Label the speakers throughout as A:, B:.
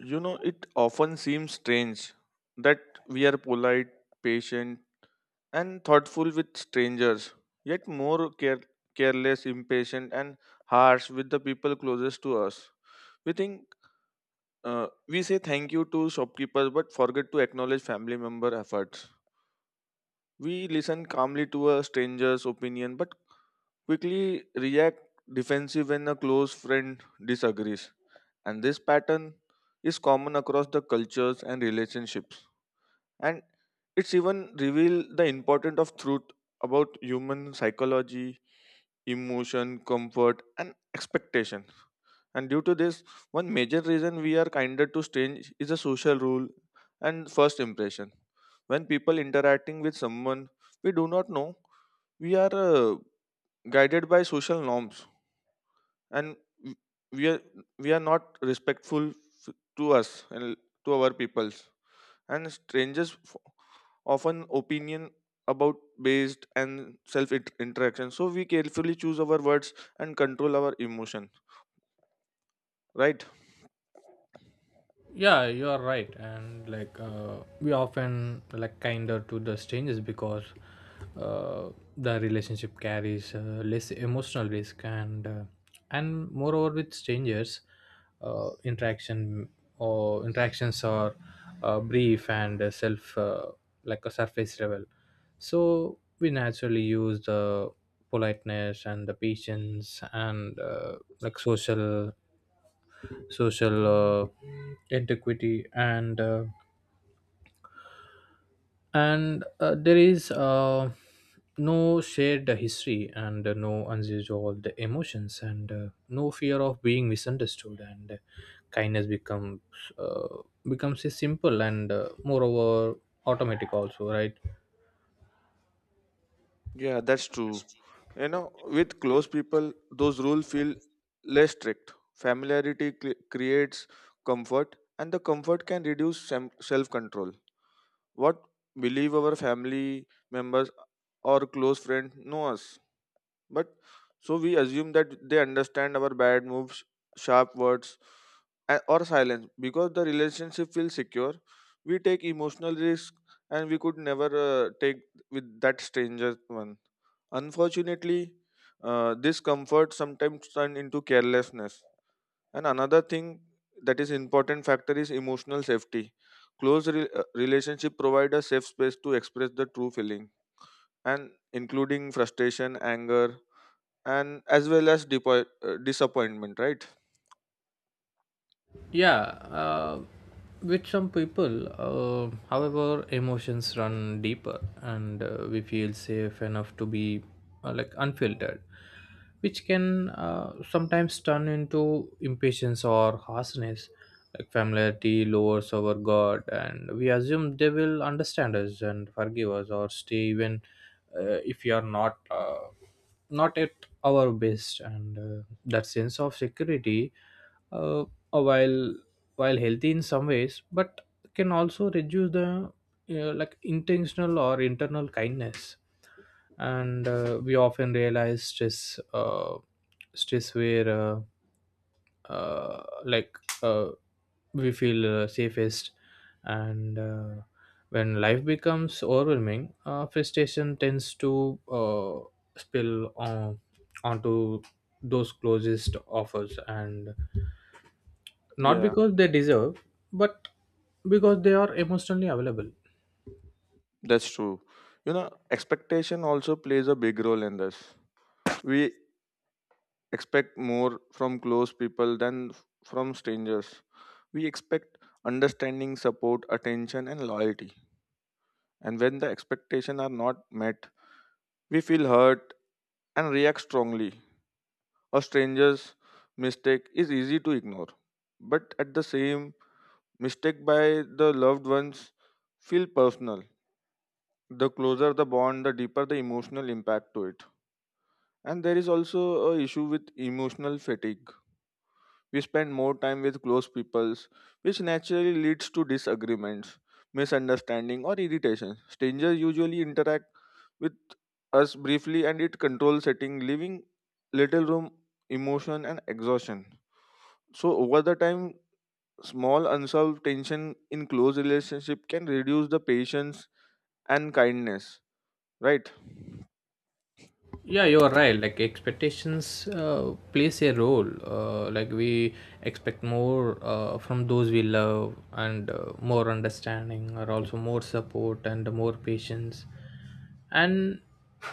A: You know, it often seems strange that we are polite, patient, and thoughtful with strangers, yet more careless, impatient, and harsh with the people closest to us. We think we say thank you to shopkeepers but forget to acknowledge family member efforts. We listen calmly to a stranger's opinion but quickly react defensive when a close friend disagrees. And this pattern is common across the cultures and relationships. And it's even revealed the importance of truth about human psychology, emotion, comfort, and expectation. And due to this, one major reason we are kinder to strange is a social rule and first impression. When people interacting with someone we do not know, we are guided by social norms. and w- we are, we are not respectful to us and to our peoples, and strangers often opinion about based and self interaction, so we carefully choose our words and control our emotion, right?
B: Yeah, you are right, and like we often like kinder to the strangers because uh, the relationship carries less emotional risk and moreover with strangers interaction or interactions are brief and self like a surface level. So we naturally use the politeness and the patience and like social antiquity and there is no shared history and no unresolved emotions and no fear of being misunderstood. And kindness becomes uh, becomes a simple and moreover automatic also, right?
A: Yeah, that's true. You know, with close people those rules feel less strict. Familiarity creates comfort, and the comfort can reduce self control. What, believe our family members or close friend know us. But so we assume that they understand our bad moves, sharp words, or silence. Because the relationship feels secure, we take emotional risk, and we could never take with that stranger one. Unfortunately, this comfort sometimes turn into carelessness. And another thing that is important factor is emotional safety. Relationship provide a safe space to express the true feeling, and including frustration, anger, and as well as disappointment, right?
B: Yeah, with some people however emotions run deeper and we feel safe enough to be like unfiltered, which can sometimes turn into impatience or harshness. Like familiarity lowers our guard, and we assume they will understand us and forgive us, or stay even if we are not not at our best. And that sense of security, uh, while healthy in some ways, but can also reduce the like intentional or internal kindness. And we often realize uh, stress where like uh, we feel safest, and when life becomes overwhelming, frustration tends to spill on onto those closest of us, and not
A: Yeah,
B: because they deserve but because they are emotionally available.
A: that's true. You know, expectation also plays a big role in this. We expect more from close people than from strangers. We expect understanding, support, attention, and loyalty. And when the expectations are not met, we feel hurt and react strongly. A stranger's mistake is easy to ignore. But at the same, mistake by the loved ones feel personal. The closer the bond, the deeper the emotional impact to it. And there is also a issue with emotional fatigue. We spend more time with close peoples, which naturally leads to disagreements, misunderstanding, or irritation. Strangers usually interact with us briefly and it control setting, leaving little room emotion and exhaustion. So over the time, small unsolved tension in close relationship can reduce the patience and kindness, right?
B: Yeah, you're right. Like expectations plays a role. Like we expect more from those we love, and more understanding, or also more support and more patience. And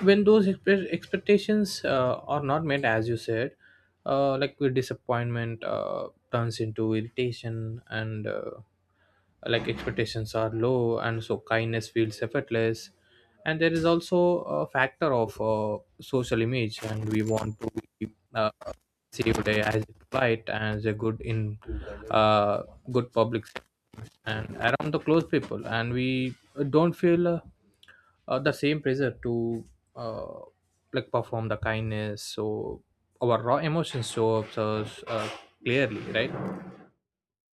B: when those expectations are not met, as you said, like with disappointment turns into irritation. And like expectations are low and so kindness feels effortless. And there is also a factor of social image, and we want to be perceived as polite and as a good in uh, good public and around the close people. And we don't feel the same pressure to uh, like perform the kindness. So our raw emotions show up so clearly, right?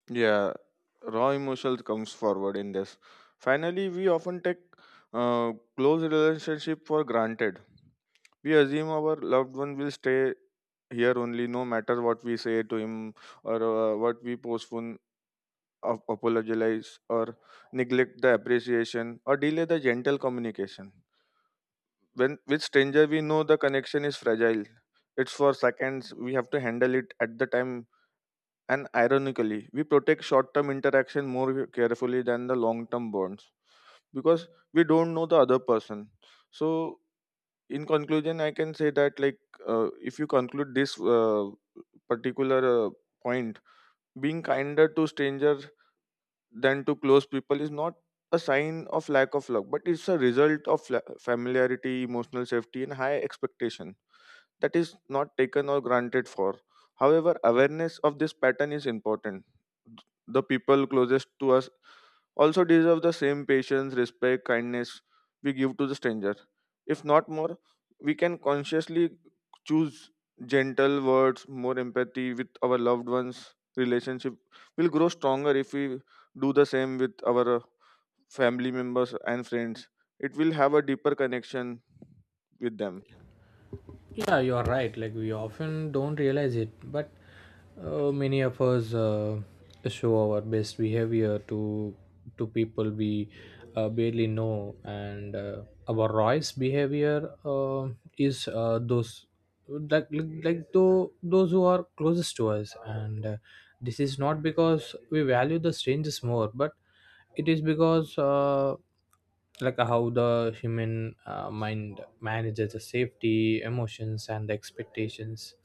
A: Yeah, raw emotion comes forward in this. Finally, we often take close relationship for granted. We assume our loved one will stay here only, no matter what we say to him or what we postpone, apologize, or neglect the appreciation or delay the gentle communication. When with stranger, we know the connection is fragile. It's for seconds. We have to handle it at the time, and ironically, we protect short term interaction more carefully than the long term bonds, because we don't know the other person. So, in conclusion, I can say that, like, if you conclude this particular point, being kinder to strangers than to close people is not a sign of lack of luck, but it's a result of familiarity, emotional safety, and high expectation that is not taken or granted for. However, awareness of this pattern is important. The people closest to us also deserve the same patience, respect, kindness we give to the stranger. If not more, we can consciously choose gentle words, more empathy with our loved ones. Relationship will grow stronger if we do the same with our family members and friends. It will have a deeper connection with them.
B: Yeah, you're right. Like we often don't realize it, but many of us show our best behavior to people we barely know, and our Roy's behavior is those like those who are closest to us, and this is not because we value the strangers more, but it is because. Like how the human mind manages the safety emotions and the expectations.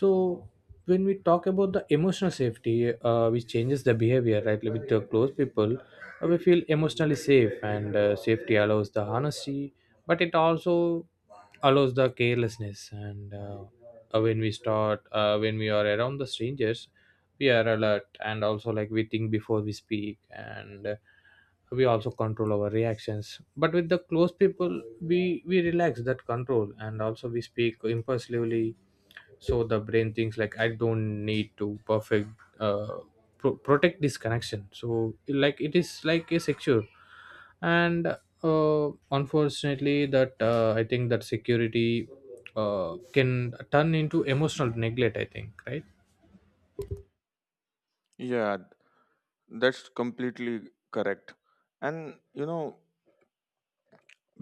B: So when we talk about the emotional safety, which changes the behavior, right? Like with the close people, we feel emotionally safe, and safety allows the honesty, but it also allows the carelessness. And when we are around the strangers, we are alert, and also like we think before we speak. And we also control our reactions, but with the close people we relax that control, and also we speak impulsively. So the brain thinks like I don't need to perfect uh, protect this connection, so like it is like a secure. And unfortunately that I think that security can turn into emotional neglect, I think, right?
A: Yeah, that's completely correct. And you know,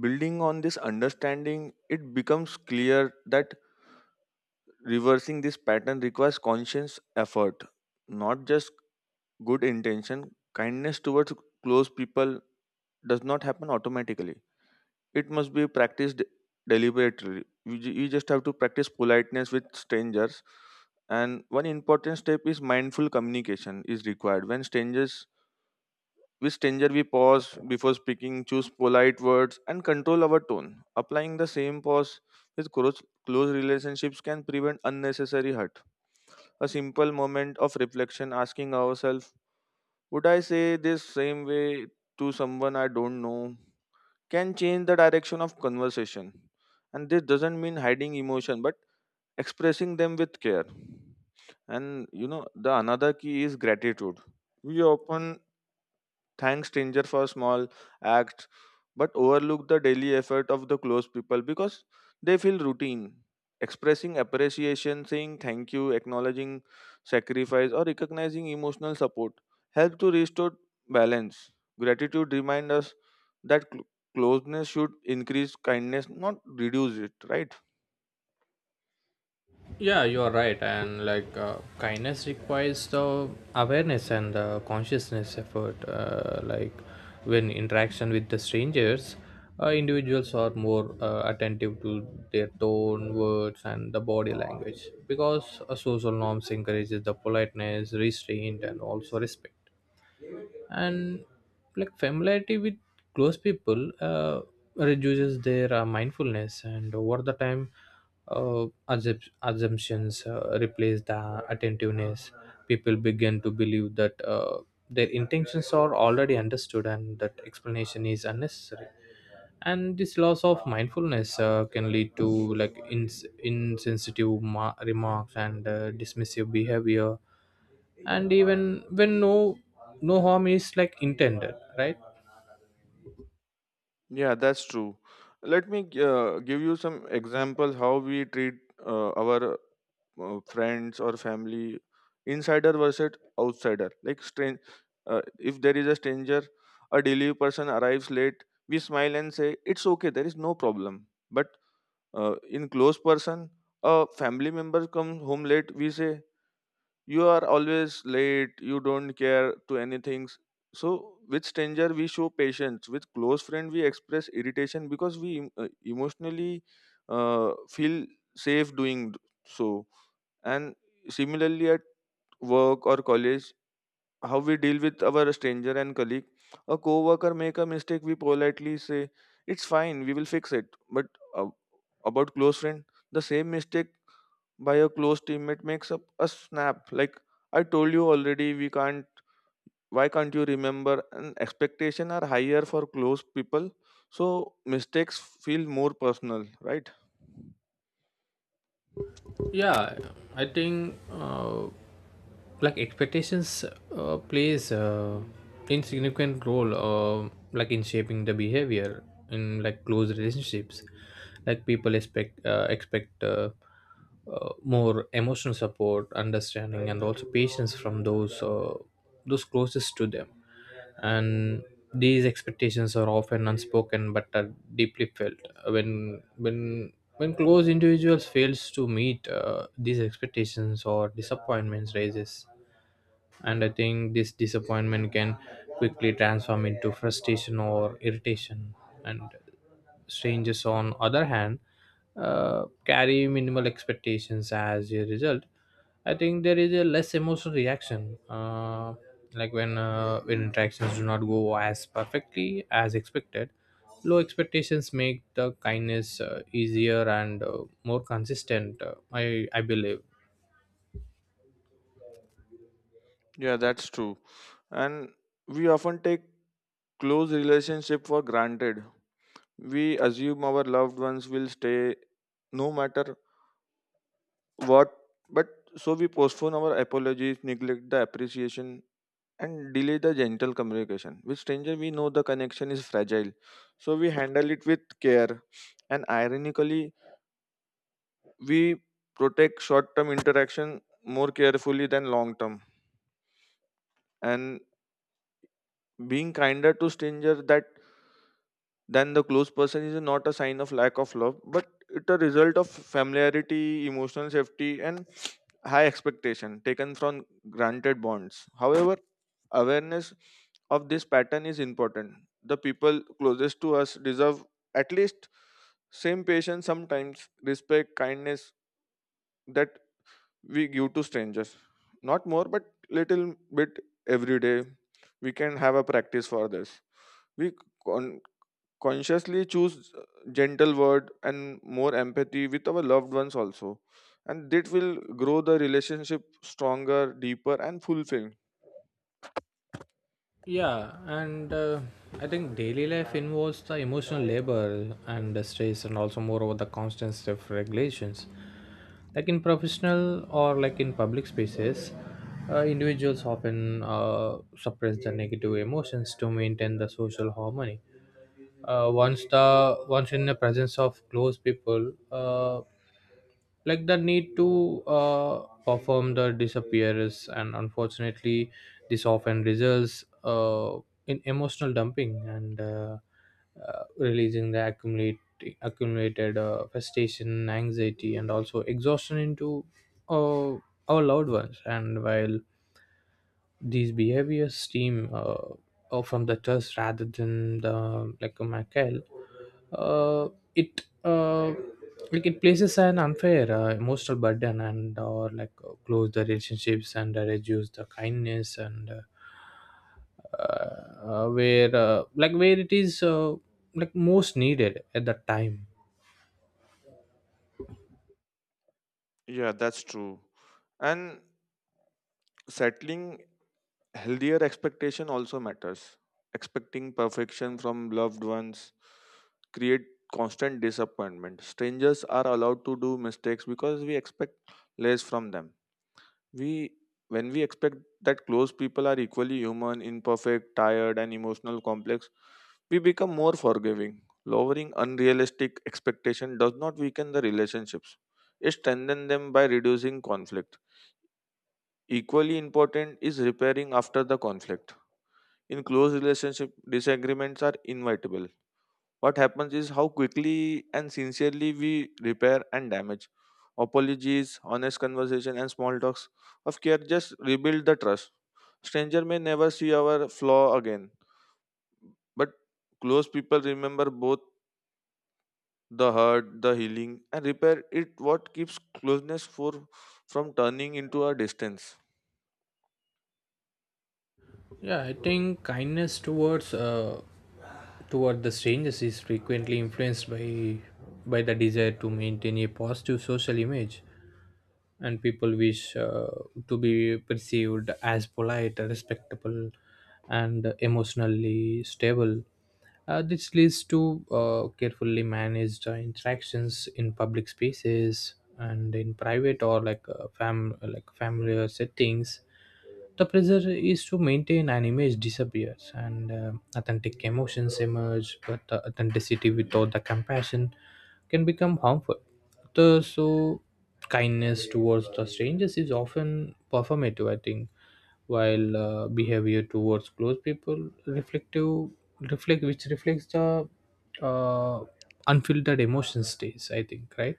A: building on this understanding, it becomes clear that reversing this pattern requires conscious effort, not just good intention. Kindness towards close people does not happen automatically, it must be practiced deliberately. You just have to practice politeness with strangers. And one important step is mindful communication is required. When strangers With stranger, we pause before speaking, choose polite words, and control our tone. Applying the same pause with close relationships can prevent unnecessary hurt. A simple moment of reflection, asking ourselves, "Would I say this same way to someone I don't know?" can change the direction of conversation. And this doesn't mean hiding emotion, but expressing them with care. And you know, the another key is gratitude. We often thank stranger for small acts, but overlook the daily effort of the close people because they feel routine. Expressing appreciation, saying thank you, acknowledging sacrifice, or recognizing emotional support help to restore balance. Gratitude reminds us that closeness should increase kindness, not reduce it, right?
B: Yeah, you are right. And like kindness requires the awareness and the consciousness effort. Like when interaction with the strangers, individuals are more attentive to their tone, words, and the body language, because social norms encourages the politeness, restraint, and also respect. And like familiarity with close people reduces their mindfulness, and over the time assumptions replace the attentiveness. People begin to believe that their intentions are already understood, and that explanation is unnecessary. And this loss of mindfulness can lead to like insensitive remarks and dismissive behavior, and even when no harm is like intended, right?
A: Yeah, that's true. Let me give you some examples how we treat our friends or family, insider versus outsider. Like strange, if there is a stranger, a delivery person arrives late, we smile and say it's okay, there is no problem. But in close person, a family member comes home late, we say you are always late, you don't care to anything. So with stranger we show patience, with close friend we express irritation because we emotionally feel safe doing so. And similarly at work or college, how we deal with our stranger and colleague. A coworker make a mistake, we politely say it's fine, we will fix it. But uh, about close friend, the same mistake by a close teammate makes up a snap. Like, I told you already, we can't. Why can't you remember? And expectation are higher for close people, so mistakes feel more personal, right?
B: Yeah, I think like expectations plays insignificant role, like in shaping the behavior in like close relationships. Like people expect more emotional support, understanding, and also patience from those closest to them. And these expectations are often unspoken but are deeply felt. When close individuals fails to meet these expectations, or disappointments raises. And I think this disappointment can quickly transform into frustration or irritation. And Strangers, on other hand, carry minimal expectations as a result. I think there is a less emotional reaction, like when interactions do not go as perfectly as expected. Low expectations make the kindness easier and more consistent. I believe.
A: Yeah, that's true. And we often take close relationship for granted. We assume our loved ones will stay no matter what, but so we postpone our apologies, neglect the appreciation, and delay the gentle communication. With stranger, we know the connection is fragile, so we handle it with care. And ironically, we protect short-term interaction more carefully than long-term. And being kinder to stranger that then the closed person is not a sign of lack of love, but it a result of familiarity, emotional safety, and high expectation taken from granted bonds. However, awareness of this pattern is important. The people closest to us deserve at least same patience, sometimes respect, kindness that we give to strangers. Not more, but little bit every day we can have a practice for this. We con- consciously choose gentle word and more empathy with our loved ones also, and that will grow the relationship stronger, deeper, and fulfilling.
B: Yeah, and I think daily life involves the emotional labor and the stress, and also moreover the constant self regulations. Like in professional or like in public spaces, individuals often suppress their negative emotions to maintain the social harmony. uh, once the once in the presence of close people, like the need to perform the disappearance. And unfortunately this often results in emotional dumping, and releasing the accumulated frustration, anxiety, and also exhaustion into uh, our loved ones. And while these behaviors stem from the trust rather than the like a Michael. Uh, it like it places an unfair emotional burden and or like close the relationships, and reduce the kindness. And where like where it is like most needed at that time.
A: Yeah, that's true. And settling healthier expectation also matters. Expecting perfection from loved ones create constant disappointment. Strangers are allowed to do mistakes because we expect less from them. We When we expect that close people are equally human, imperfect, tired, and emotional complex, we become more forgiving. Lowering unrealistic expectation does not weaken the relationships, it strengthens them by reducing conflict. Equally important is repairing after the conflict. In close relationship disagreements are inevitable. What happens is how quickly and sincerely we repair and damage. Apologies, honest conversation, and small talks of care just rebuild the trust. Stranger may never see our flaw again, but close people remember both the hurt, the healing, and repair it what keeps closeness for from turning into a distance.
B: Yeah, I think kindness toward the strangers is frequently influenced by the desire to maintain a positive social image, and people wish to be perceived as polite, respectable, and emotionally stable. This leads to carefully managed interactions in public spaces, and in private or like fam like familiar settings, the pressure is to maintain an image disappears, and authentic emotions emerge, but the authenticity without the compassion can become harmful. So, kindness towards the strangers is often performative, I think, while behavior towards close people reflective reflect which reflects the uh, unfiltered emotion states. I think, right?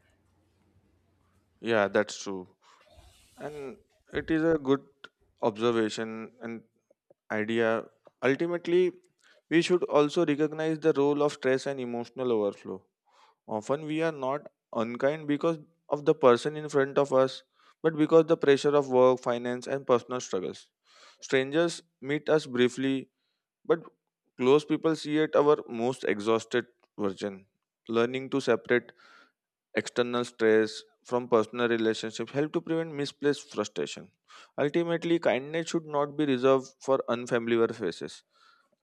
A: Yeah, that's true. And it is a good observation and idea. Ultimately, we should also recognize the role of stress and emotional overflow. Often we are not unkind because of the person in front of us, but because the pressure of work, finance, and personal struggles. Strangers meet us briefly, but close people see at our most exhausted version. Learning to separate external stress from personal relationships help to prevent misplaced frustration. Ultimately, kindness should not be reserved for unfamiliar faces.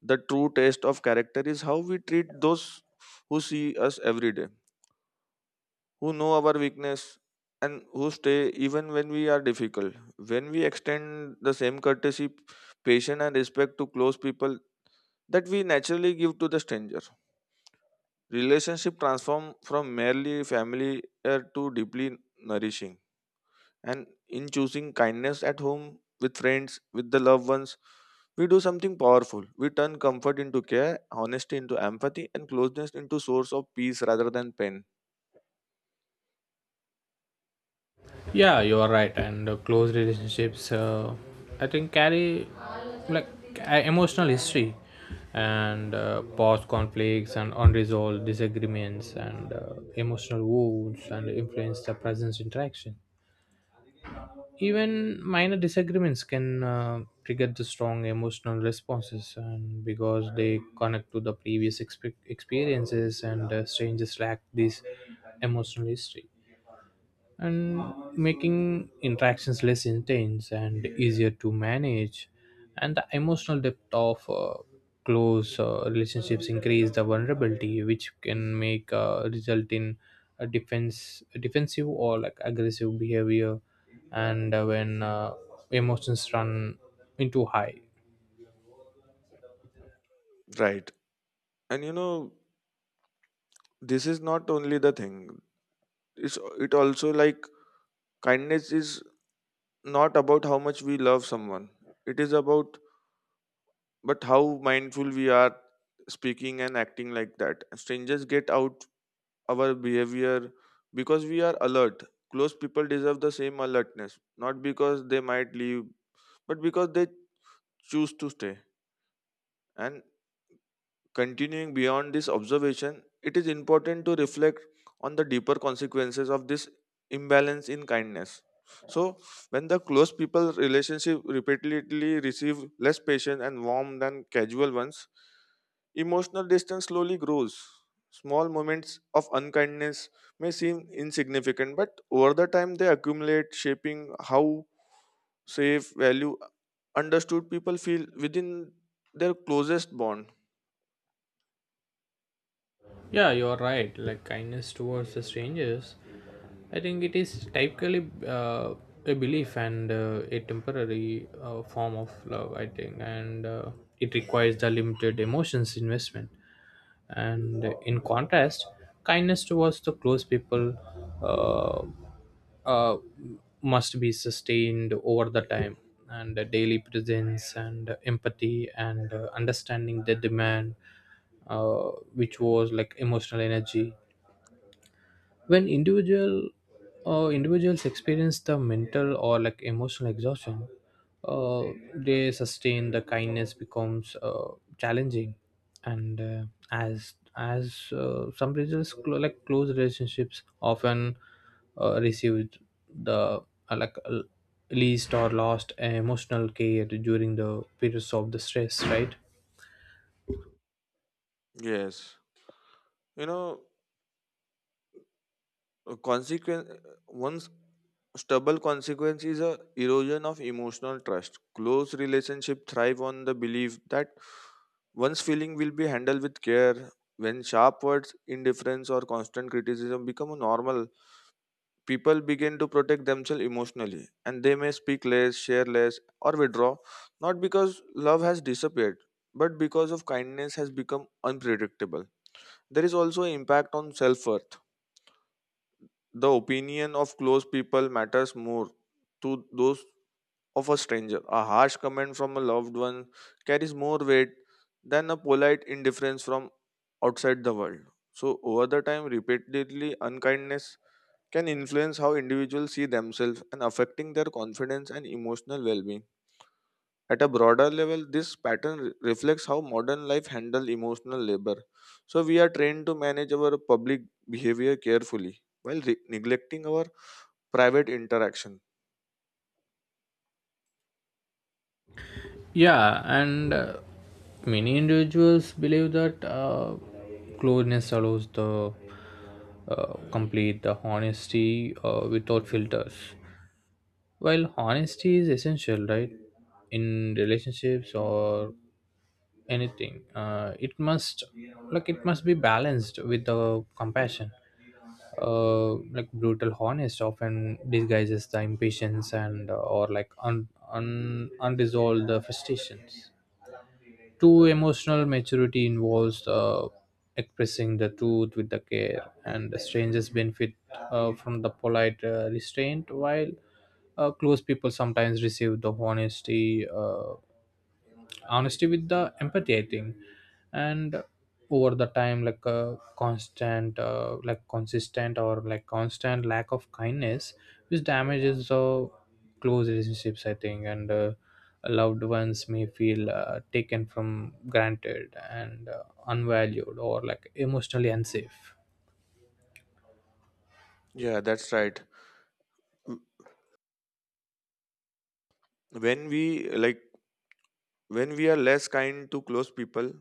A: The true taste of character is how we treat those who see us every day, who know our weakness, and who stay even when we are difficult. When we extend the same courtesy, patience, and respect to close people that we naturally give to the stranger, relationship transform from merely familiar to deeply nourishing. And in choosing kindness at home, with friends, with the loved ones, we do something powerful. We turn comfort into care, honesty into empathy, and closeness into source of peace rather than pain.
B: Yeah, you are right. And close relationships, I think, carry like emotional history, and past conflicts and unresolved disagreements, and emotional wounds, and influence the present interaction. Even minor disagreements can trigger the strong emotional responses, and because they connect to the previous experiences. And strangers lack this emotional history, and making interactions less intense and easier to manage. And the emotional depth of close relationships increase the vulnerability, which can make result in a defense defensive or like aggressive behavior, and when emotions run into high.
A: Right. And you know, this is not only the thing, it's, it also like kindness is not about how much we love someone, it is about but how mindful we are speaking and acting. Like that strangers get out our behavior because we are alert. Close people deserve the same alertness, not because they might leave, but because they choose to stay. And continuing beyond this observation, it is important to reflect on the deeper consequences of this imbalance in kindness. So, when the close people relationship repeatedly receive less patient and warm than casual ones, emotional distance slowly grows. Small moments of unkindness may seem insignificant, but over the time they accumulate, shaping how safe, value, understood people feel within their closest bond.
B: Yeah, you're right. Like kindness towards the strangers, I think it is typically a belief and a temporary form of love. I think, and it requires the limited emotions investment. And in contrast, kindness towards the close people uh, uh, must be sustained over the time, and the daily presence and empathy and understanding the demand, which was like emotional energy. When individuals experience the mental or like emotional exhaustion, uh, they sustain the kindness becomes challenging. And as some results like close relationships often receive the like least or lost emotional care during the periods of the stress, right?
A: Yes. you know Consequence, one's stubble consequence is a erosion of emotional trust. Close relationship thrive on the belief that one's feeling will be handled with care. When sharp words, indifference, or constant criticism become normal, people begin to protect themselves emotionally, and they may speak less, share less, or withdraw, not because love has disappeared, but because of kindness has become unpredictable. There is also impact on self-worth. The opinion of close people matters more to those of a stranger. A harsh comment from a loved one carries more weight than a polite indifference from outside the world. So, over the time, repeatedly unkindness can influence how individuals see themselves and affecting their confidence and emotional well being. At a broader level, this pattern reflects how modern life handles emotional labor. So, we are trained to manage our public behavior carefully while neglecting our private interaction.
B: Yeah, and many individuals believe that closeness allows the complete the honesty without filters. While honesty is essential, right, in relationships or anything, it must be balanced with the compassion. Like brutal honest often disguises the impatience, and or like un, un unresolved frustrations. True emotional maturity involves expressing the truth with the care. And the strangers benefit from the polite restraint, while close people sometimes receive the honesty. Honesty with the empathy, I think. And over the time, like a constant like consistent or like constant lack of kindness, which damages the close relationships, I think. And loved ones may feel taken from granted, and unvalued or like emotionally unsafe.
A: Yeah, that's right. M- when we like, when we are less kind to close people,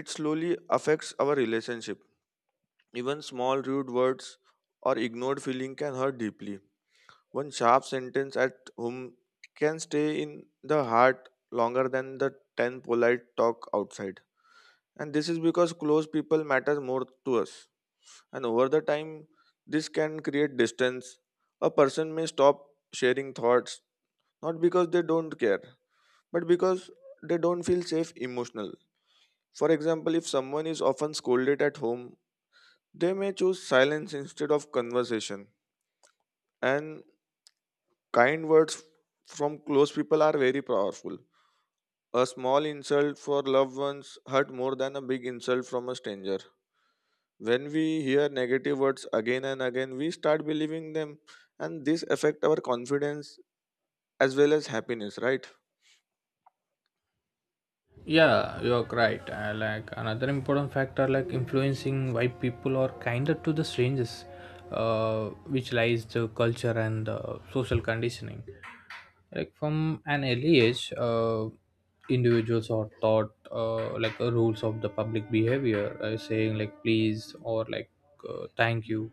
A: it slowly affects our relationship. Even small rude words or ignored feeling can hurt deeply. One sharp sentence at home can stay in the heart longer than the 10 polite talk outside. And this is because close people matter more to us, and over the time this can create distance. A person may stop sharing thoughts, not because they don't care, but because they don't feel safe emotional. For example, if someone is often scolded at home, they may choose silence instead of conversation. And kind words from close people are very powerful. A small insult for loved ones hurt more than a big insult from a stranger. When we hear negative words again and again, we start believing them, and this affect our confidence as well as happiness, right?
B: Yeah, you're right. Like another important factor like influencing why people are kinder to the strangers, which lies the culture and the social conditioning. Like from an early age, individuals are taught like rules of the public behavior, saying like please or like thank you,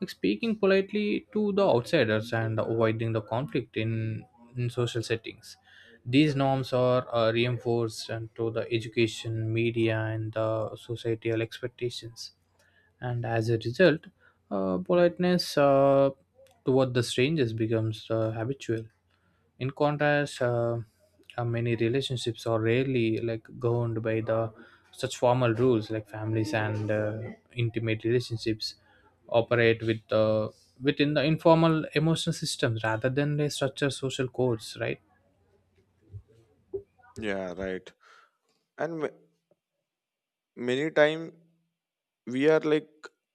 B: like speaking politely to the outsiders and avoiding the conflict in social settings. These norms are reinforced and to the education media and the societal expectations. And as a result, politeness toward the strangers becomes habitual. In contrast, many relationships are rarely like governed by the such formal rules, like families and intimate relationships operate with within the informal emotional systems rather than the structured social codes, right?
A: Yeah, right. And many times we are like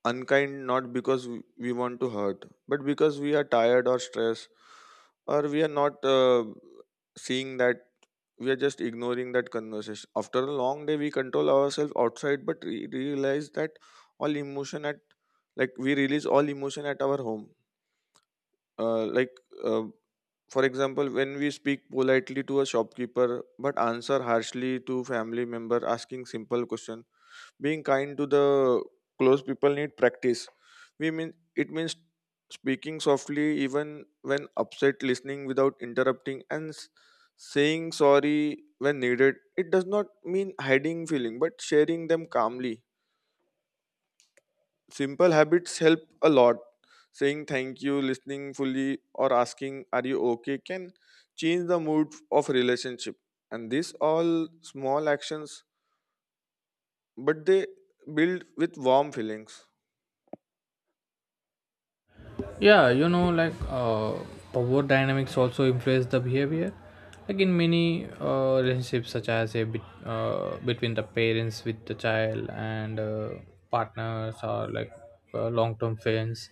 A: unkind, not because we want to hurt, but because we are tired or stressed, or we are not seeing that. We are just ignoring that conversation after a long day. We control ourselves outside but realize that all emotion at, like, we release all emotion at our home. uh, like uh, for example, when we speak politely to a shopkeeper but answer harshly to family member asking simple question. Being kind to the close people need practice. We mean it means speaking softly even when upset, listening without interrupting, and saying sorry when needed. It does not mean hiding feeling, but sharing them calmly. Simple habits help a lot. Saying thank you, listening fully, or asking "Are you okay?" can change the mood of relationship. And these all small actions, but they build with warm feelings.
B: Yeah, like power dynamics also influence the behavior. Like in many relationships such as a bit, between the parents with the child, and partners or like long-term friends,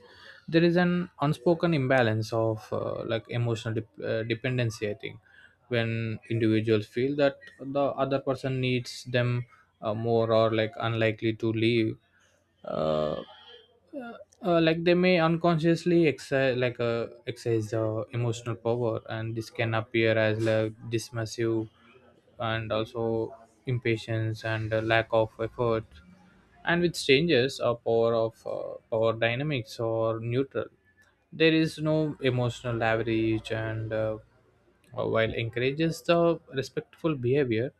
B: there is an unspoken imbalance of like emotional dependency, I think. When individuals feel that the other person needs them more or like unlikely to leave, uh, uh, like they may unconsciously exercise the emotional power, and this can appear as like dismissive, and also impatience and lack of effort. And with strangers, a power dynamics or neutral, there is no emotional average. And while encourages the respectful behavior,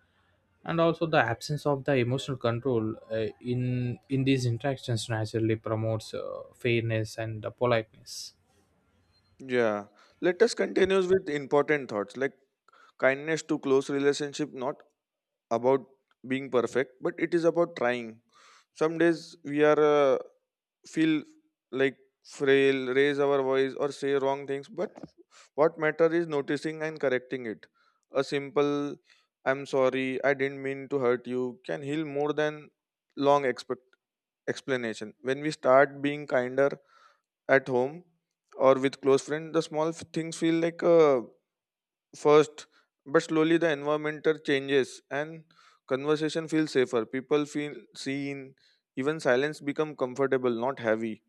B: and also the absence of the emotional control in these interactions naturally promotes fairness and politeness.
A: Yeah. Let us continue with important thoughts, like kindness to close relationship not about being perfect, but it is about trying. Some days we are feel like frail, raise our voice or say wrong things, but what matter is noticing and correcting it. A simple "I'm sorry, I didn't mean to hurt you" can heal more than long expect explanation. When we start being kinder at home or with close friends, the small things feel like a first, but slowly the environment changes and conversation feels safer. People feel seen. Even silence become comfortable, not heavy.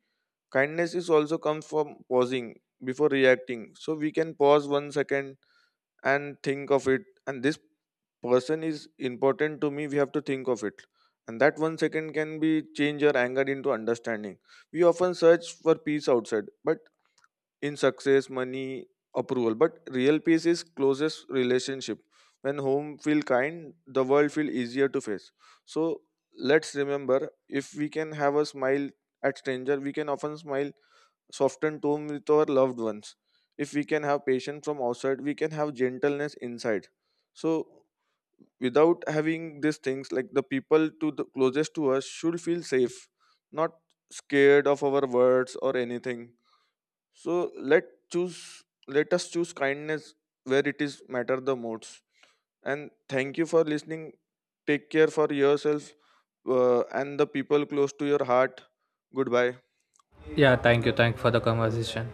A: Kindness is also comes from pausing before reacting. So we can pause one second and think of it. And this person is important to me. We have to think of it. And that one second can be change your anger into understanding. We often search for peace outside, but in success, money, approval. But real peace is closest relationship. When home feel kind, the world feel easier to face. So let's remember, if we can have a smile at stranger, we can often smile softened tone with our loved ones. If we can have patience from outside, we can have gentleness inside. So without having these things, like the people to the closest to us should feel safe, not scared of our words or anything. So let choose, let us choose kindness where it is matter the most. And thank you for listening. Take care for yourself and the people close to your heart. Goodbye.
B: Yeah, thank you, thank for the conversation.